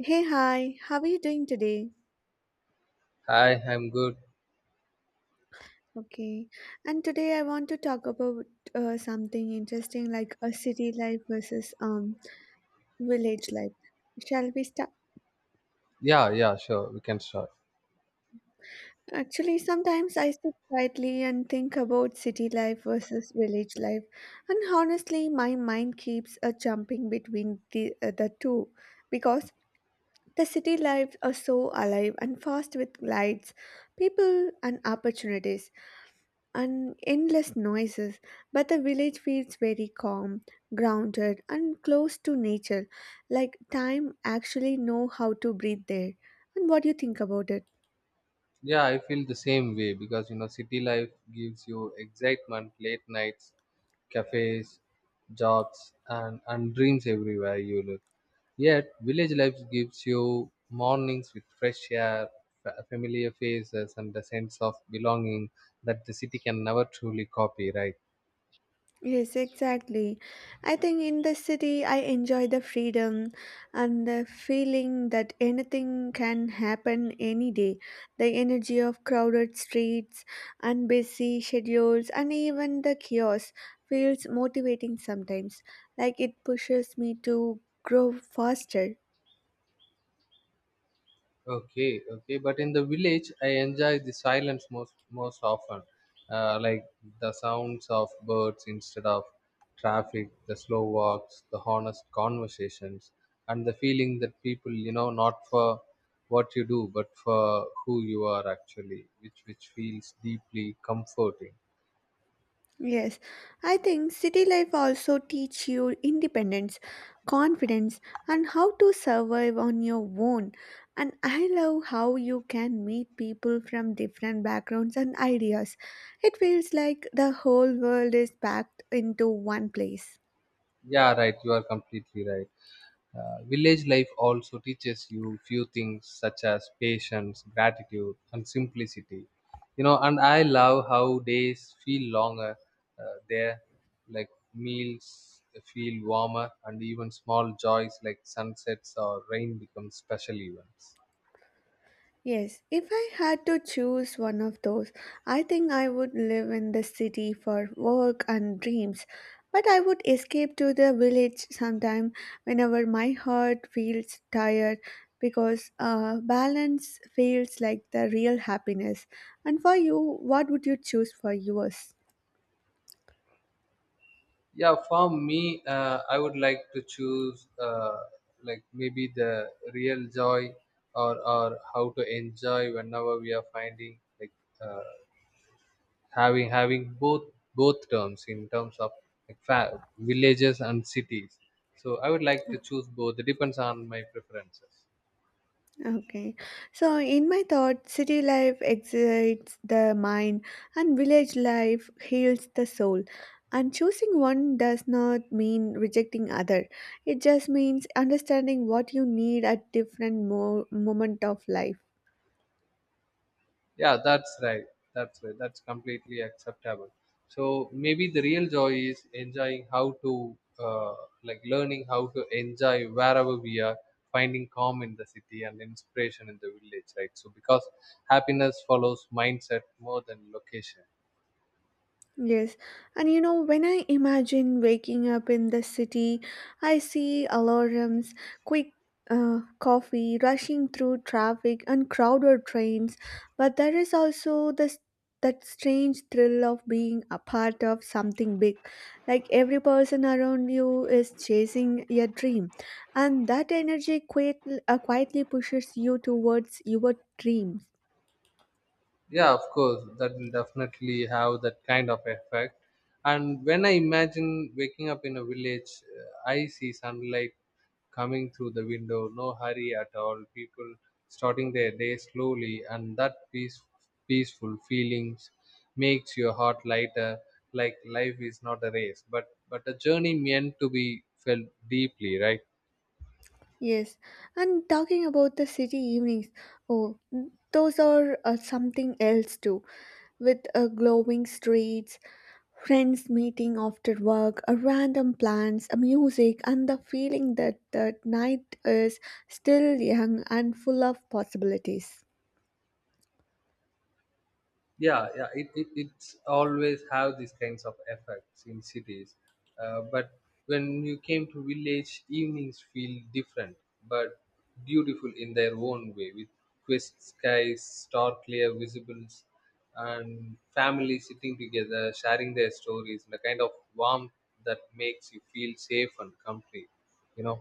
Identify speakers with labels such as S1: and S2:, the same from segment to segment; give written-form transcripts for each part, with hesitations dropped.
S1: Hey, hi, how are you doing today?
S2: Hi, I'm good.
S1: Okay, and today I want to talk about something interesting like a city life versus village life. Shall we start?
S2: Yeah, yeah, sure. We can start.
S1: Actually, sometimes I sit quietly and think about city life versus village life, and honestly, my mind keeps jumping between the two because the city lives are so alive and fast with lights, people, and opportunities and endless noises, but the village feels very calm, grounded, and close to nature, like time actually know how to breathe there. And what do you think about it?
S2: Yeah, I feel the same way because you know, city life gives you excitement, late nights, cafes, jobs, and dreams everywhere you look. Yet, village life gives you mornings with fresh air, familiar faces, and the sense of belonging that the city can never truly copy, right?
S1: Yes, exactly. I think in the city, I enjoy the freedom and the feeling that anything can happen any day. The energy of crowded streets and busy schedules, and even the chaos, feels motivating sometimes. Like it pushes me to grow faster.
S2: Okay, okay. But in the village, I enjoy the silence most often, like the sounds of birds instead of traffic, the slow walks, the honest conversations, and the feeling that people, you know, not for what you do, but for who you are actually, which feels deeply comforting.
S1: Yes, I think city life also teach you independence, confidence, and how to survive on your own. And I love how you can meet people from different backgrounds and ideas. It feels like the whole world is packed into one place.
S2: Yeah, right. You are completely right. Village life also teaches you few things such as patience, gratitude, and simplicity. You know, and I love how days feel longer there, like meals feel warmer, and even small joys like sunsets or rain become special events.
S1: Yes, if I had to choose one of those, I think I would live in the city for work and dreams. But I would escape to the village sometime whenever my heart feels tired because balance feels like the real happiness. And for you, what would you choose for yours?
S2: Yeah, for me, I would like to choose like maybe the real joy or how to enjoy whenever we are finding like. Uh, having both both terms in terms of like villages and cities, so I would like to choose both. It depends on my preferences.
S1: Okay. So, in my thought, city life excites the mind and village life heals the soul. And choosing one does not mean rejecting other. It just means understanding what you need at different moment of life.
S2: Yeah, that's right. That's right, that's completely acceptable. So maybe the real joy is enjoying how to like learning how to enjoy wherever we are, finding calm in the city and inspiration in the village, right? So because happiness follows mindset more than location.
S1: Yes, and you know, when I imagine waking up in the city, I see alarms, quick coffee, rushing through traffic, and crowded trains. But there is also this that strange thrill of being a part of something big, like every person around you is chasing your dream, and that energy quietly pushes you towards your dreams.
S2: Yeah, of course that will definitely have that kind of effect. And when I imagine waking up in a village, I see sunlight coming through the window, no hurry at all, people starting their day slowly, and that peaceful feelings makes your heart lighter, like life is not a race but a journey meant to be felt deeply, right?
S1: Yes, and talking about the city evenings, oh, those are something else too, with glowing streets, friends meeting after work, random plans, music, and the feeling that the night is still young and full of possibilities.
S2: Yeah, yeah, it's always have these kinds of effects in cities. But when you came to village, evenings feel different but beautiful in their own way, with crisp skies, star clear visibles, and families sitting together sharing their stories, and a kind of warmth that makes you feel safe and complete, you know.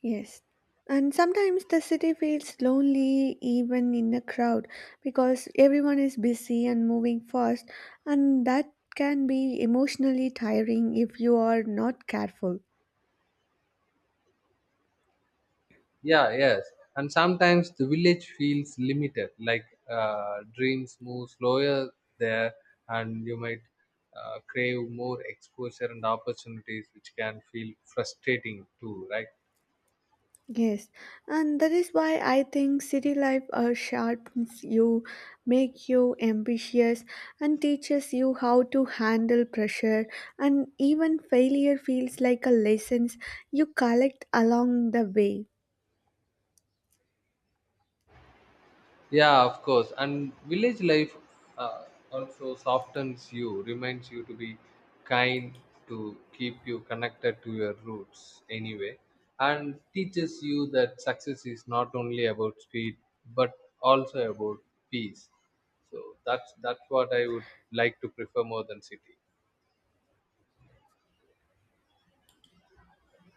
S1: Yes. And sometimes the city feels lonely even in a crowd because everyone is busy and moving fast, and that can be emotionally tiring if you are not careful.
S2: Yeah, yes. And sometimes the village feels limited, like dreams move slower there, and you might crave more exposure and opportunities, which can feel frustrating too, right?
S1: Yes, and that is why I think city life sharpens you, make you ambitious, and teaches you how to handle pressure. And even failure feels like a lessons you collect along the way.
S2: Yeah, of course. And village life uh, also softens you, reminds you to be kind, to keep you connected to your roots anyway, and teaches you that success is not only about speed but also about peace. So that's what I would like to prefer more than city.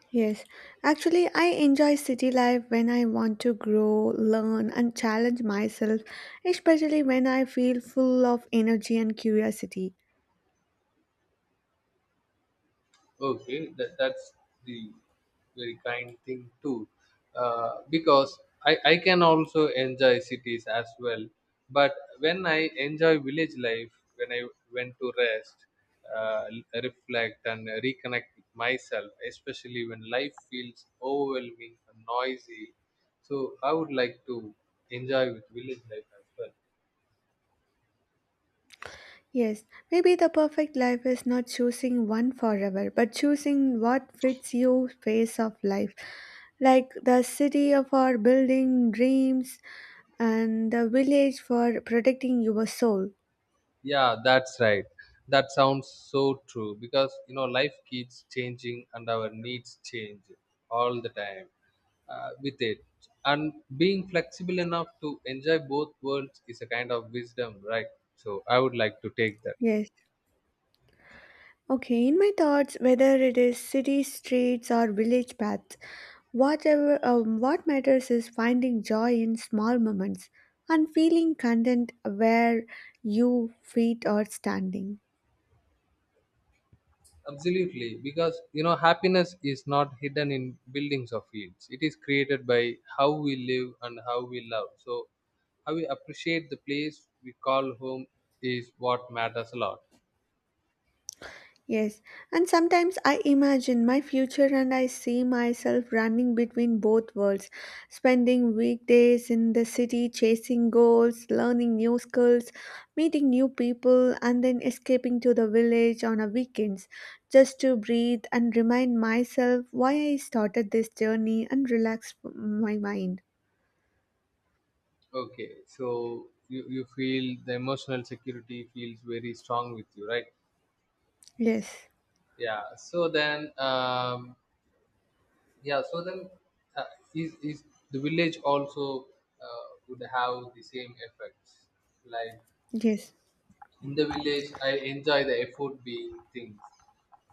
S1: Yes, actually, I enjoy city life when I want to grow, learn, and challenge myself, especially when I feel full of energy and curiosity.
S2: Okay, that's the very kind thing too, because I can also enjoy cities as well. But when I enjoy village life, when I went to rest, uh, reflect, and reconnect with myself, especially when life feels overwhelming and noisy, so I would like to enjoy with village life as well.
S1: Yes, maybe the perfect life is not choosing one forever, but choosing what fits you phase of life. Like the city of our building dreams and the village for protecting your soul.
S2: Yeah, that's right. That sounds so true because you know life keeps changing and our needs change all the time with it. And being flexible enough to enjoy both worlds is a kind of wisdom, right? So I would like to take that.
S1: Yes. Okay, in my thoughts, whether it is city streets or village paths, whatever what matters is finding joy in small moments and feeling content where you feet are standing.
S2: Absolutely, because you know happiness is not hidden in buildings or fields. It is created by how we live and how we love. So how we appreciate the place we call home is what matters a lot.
S1: Yes, and sometimes I imagine my future and I see myself running between both worlds, spending weekdays in the city chasing goals, learning new skills, meeting new people, and then escaping to the village on a weekends just to breathe and remind myself why I started this journey and relax my mind.
S2: Okay, so you feel the emotional security feels very strong with you, right?
S1: Yes,
S2: Yeah. So then, yeah. So then, uh, is the village also would have the same effects? Like
S1: yes.
S2: in the village, I enjoy the effort being things,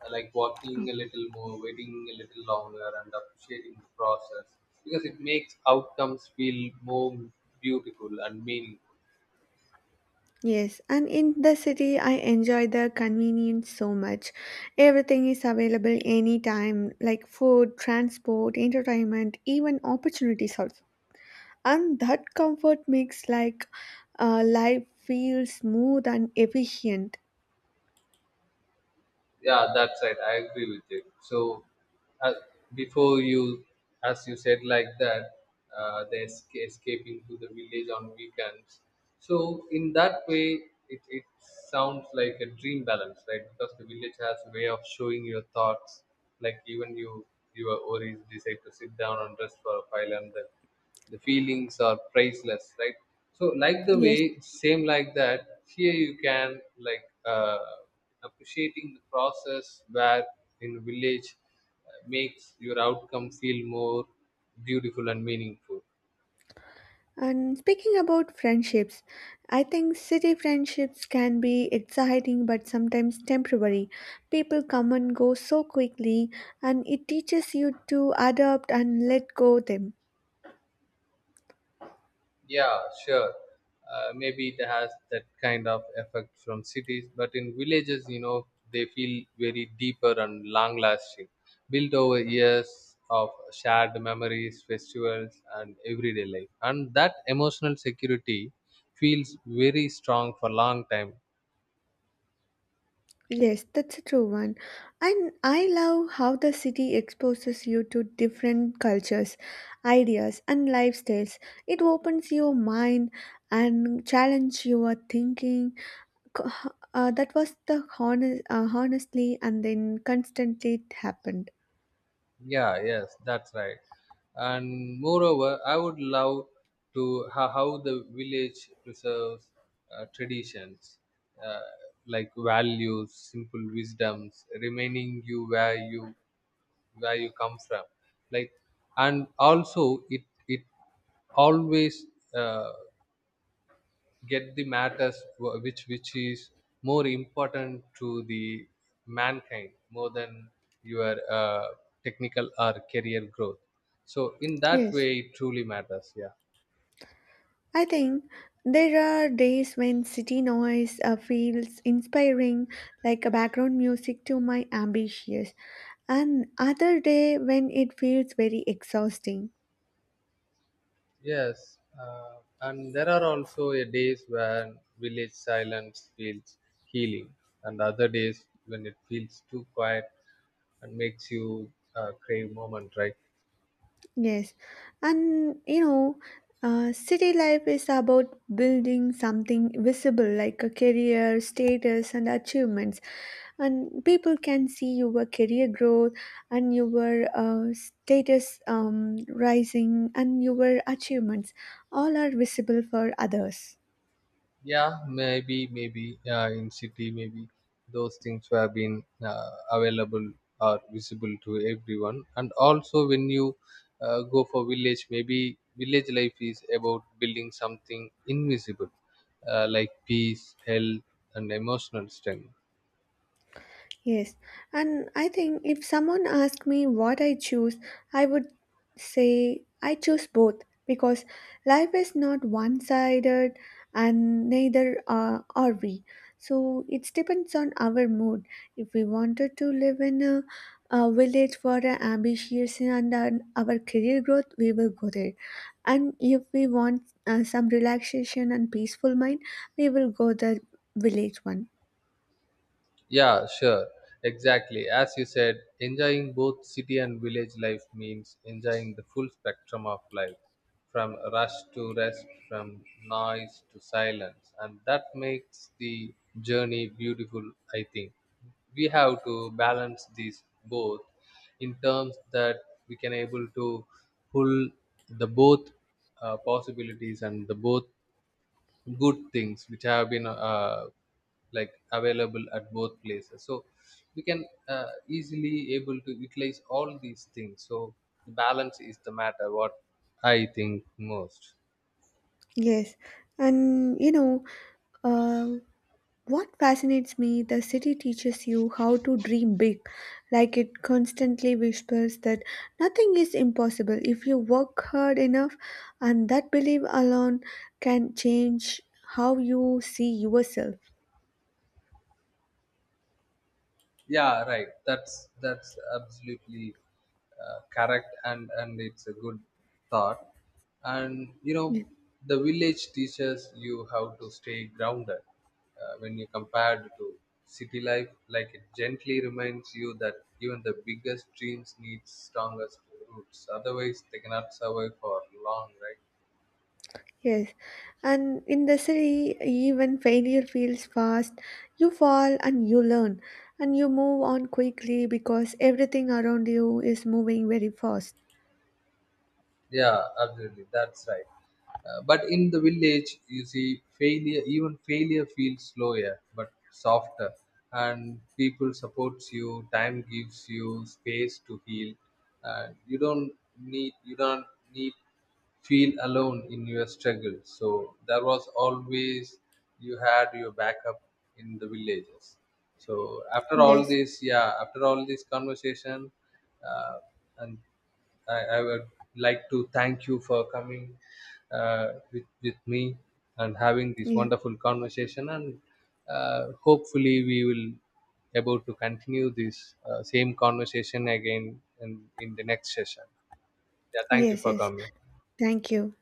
S2: like walking a little more, waiting a little longer, and appreciating the process because it makes outcomes feel more beautiful and meaningful.
S1: Yes, and in the city, I enjoy the convenience so much. Everything is available anytime, like food, transport, entertainment, even opportunities also. And that comfort makes like life feel smooth and efficient.
S2: Yeah, that's right. I agree with you. So uh, before you, as you said like that, escaping to the village on weekends, so in that way it sounds like a dream balance, right? Because the village has a way of showing your thoughts, like even you, your worries decide to sit down and rest for a while, and then the feelings are priceless, right? So like the way
S1: Yes.
S2: same like that, here you can like uh. Appreciating the process where in village makes your outcome feel more beautiful and meaningful.
S1: And speaking about friendships, I think city friendships can be exciting but sometimes temporary. People come and go so quickly, and it teaches you to adapt and let go them.
S2: Yeah, sure. Maybe it has that kind of effect from cities, but in villages, you know, they feel very deeper and long lasting, built over years of shared memories, festivals, and everyday life. And that emotional security feels very strong for long time.
S1: Yes, that's a true one. And I love how the city exposes you to different cultures, ideas, and lifestyles. It opens your mind and challenge your thinking. Co- that was the honestly and then constantly it happened.
S2: Yeah, yes, that's right. And moreover, I would love to how the village preserves traditions, uh, like values, simple wisdoms, remaining you where you where you come from, like. And also it always uh, get the matters which is more important to the mankind more than your technical or career growth, so in that
S1: Yes.
S2: way it truly matters. Yeah,
S1: I think there are days when city noise feels inspiring, like a background music to my ambitions, and other day when it feels very exhausting.
S2: yes. And there are also a days when village silence feels healing, and other days when it feels too quiet and makes you crave moment, right?
S1: Yes, and you know, city life is about building something visible like a career, status, and achievements. And people can see your career growth and your status rising and your achievements. All are visible for others.
S2: Yeah, maybe in city, maybe those things have been available or visible to everyone. And also when you go for village, maybe village life is about building something invisible, like peace, health, and emotional strength.
S1: Yes, and I think if someone asked me what I choose, I would say I choose both because life is not one sided and neither are we. So it depends on our mood. If we wanted to live in a village for our ambitious and our career growth, we will go there. And if we want some relaxation and peaceful mind, we will go the village one.
S2: Yeah, sure. Exactly. As you said, enjoying both city and village life means enjoying the full spectrum of life, from rush to rest, from noise to silence. And that makes the journey beautiful, I think. We have to balance these both in terms that we can able to pull the both possibilities and the both good things which have been like available at both places, so we can easily able to utilize all these things, so the balance is the matter what I think most.
S1: Yes, and you know, uh, what fascinates me, the city teaches you how to dream big. Like it constantly whispers that nothing is impossible if you work hard enough, and that belief alone can change how you see yourself.
S2: Yeah, right, that's absolutely correct. And it's a good thought. And you know
S1: Y-
S2: the village teaches you how to stay grounded when you compared to city life, like it gently reminds you that even the biggest dreams need strongest roots, otherwise they cannot survive for long, right?
S1: Yes, and in the city, even failure feels fast. You fall and you learn, and you move on quickly because everything around you is moving very fast.
S2: Yeah, absolutely, that's right. But in the village you see failure, even failure feels slower but softer, and people supports you, time gives you space to heal, and you don't need feel alone in your struggle. So there was always you had your backup in the villages. So after all
S1: Yes.
S2: this, yeah, after all this conversation, uh, and I would like to thank you for coming with me and having this
S1: Yeah.
S2: wonderful conversation. And hopefully we will able to continue this same conversation again in the next session. Yeah, thank you
S1: Yes,
S2: for
S1: yes.
S2: coming.
S1: Thank you.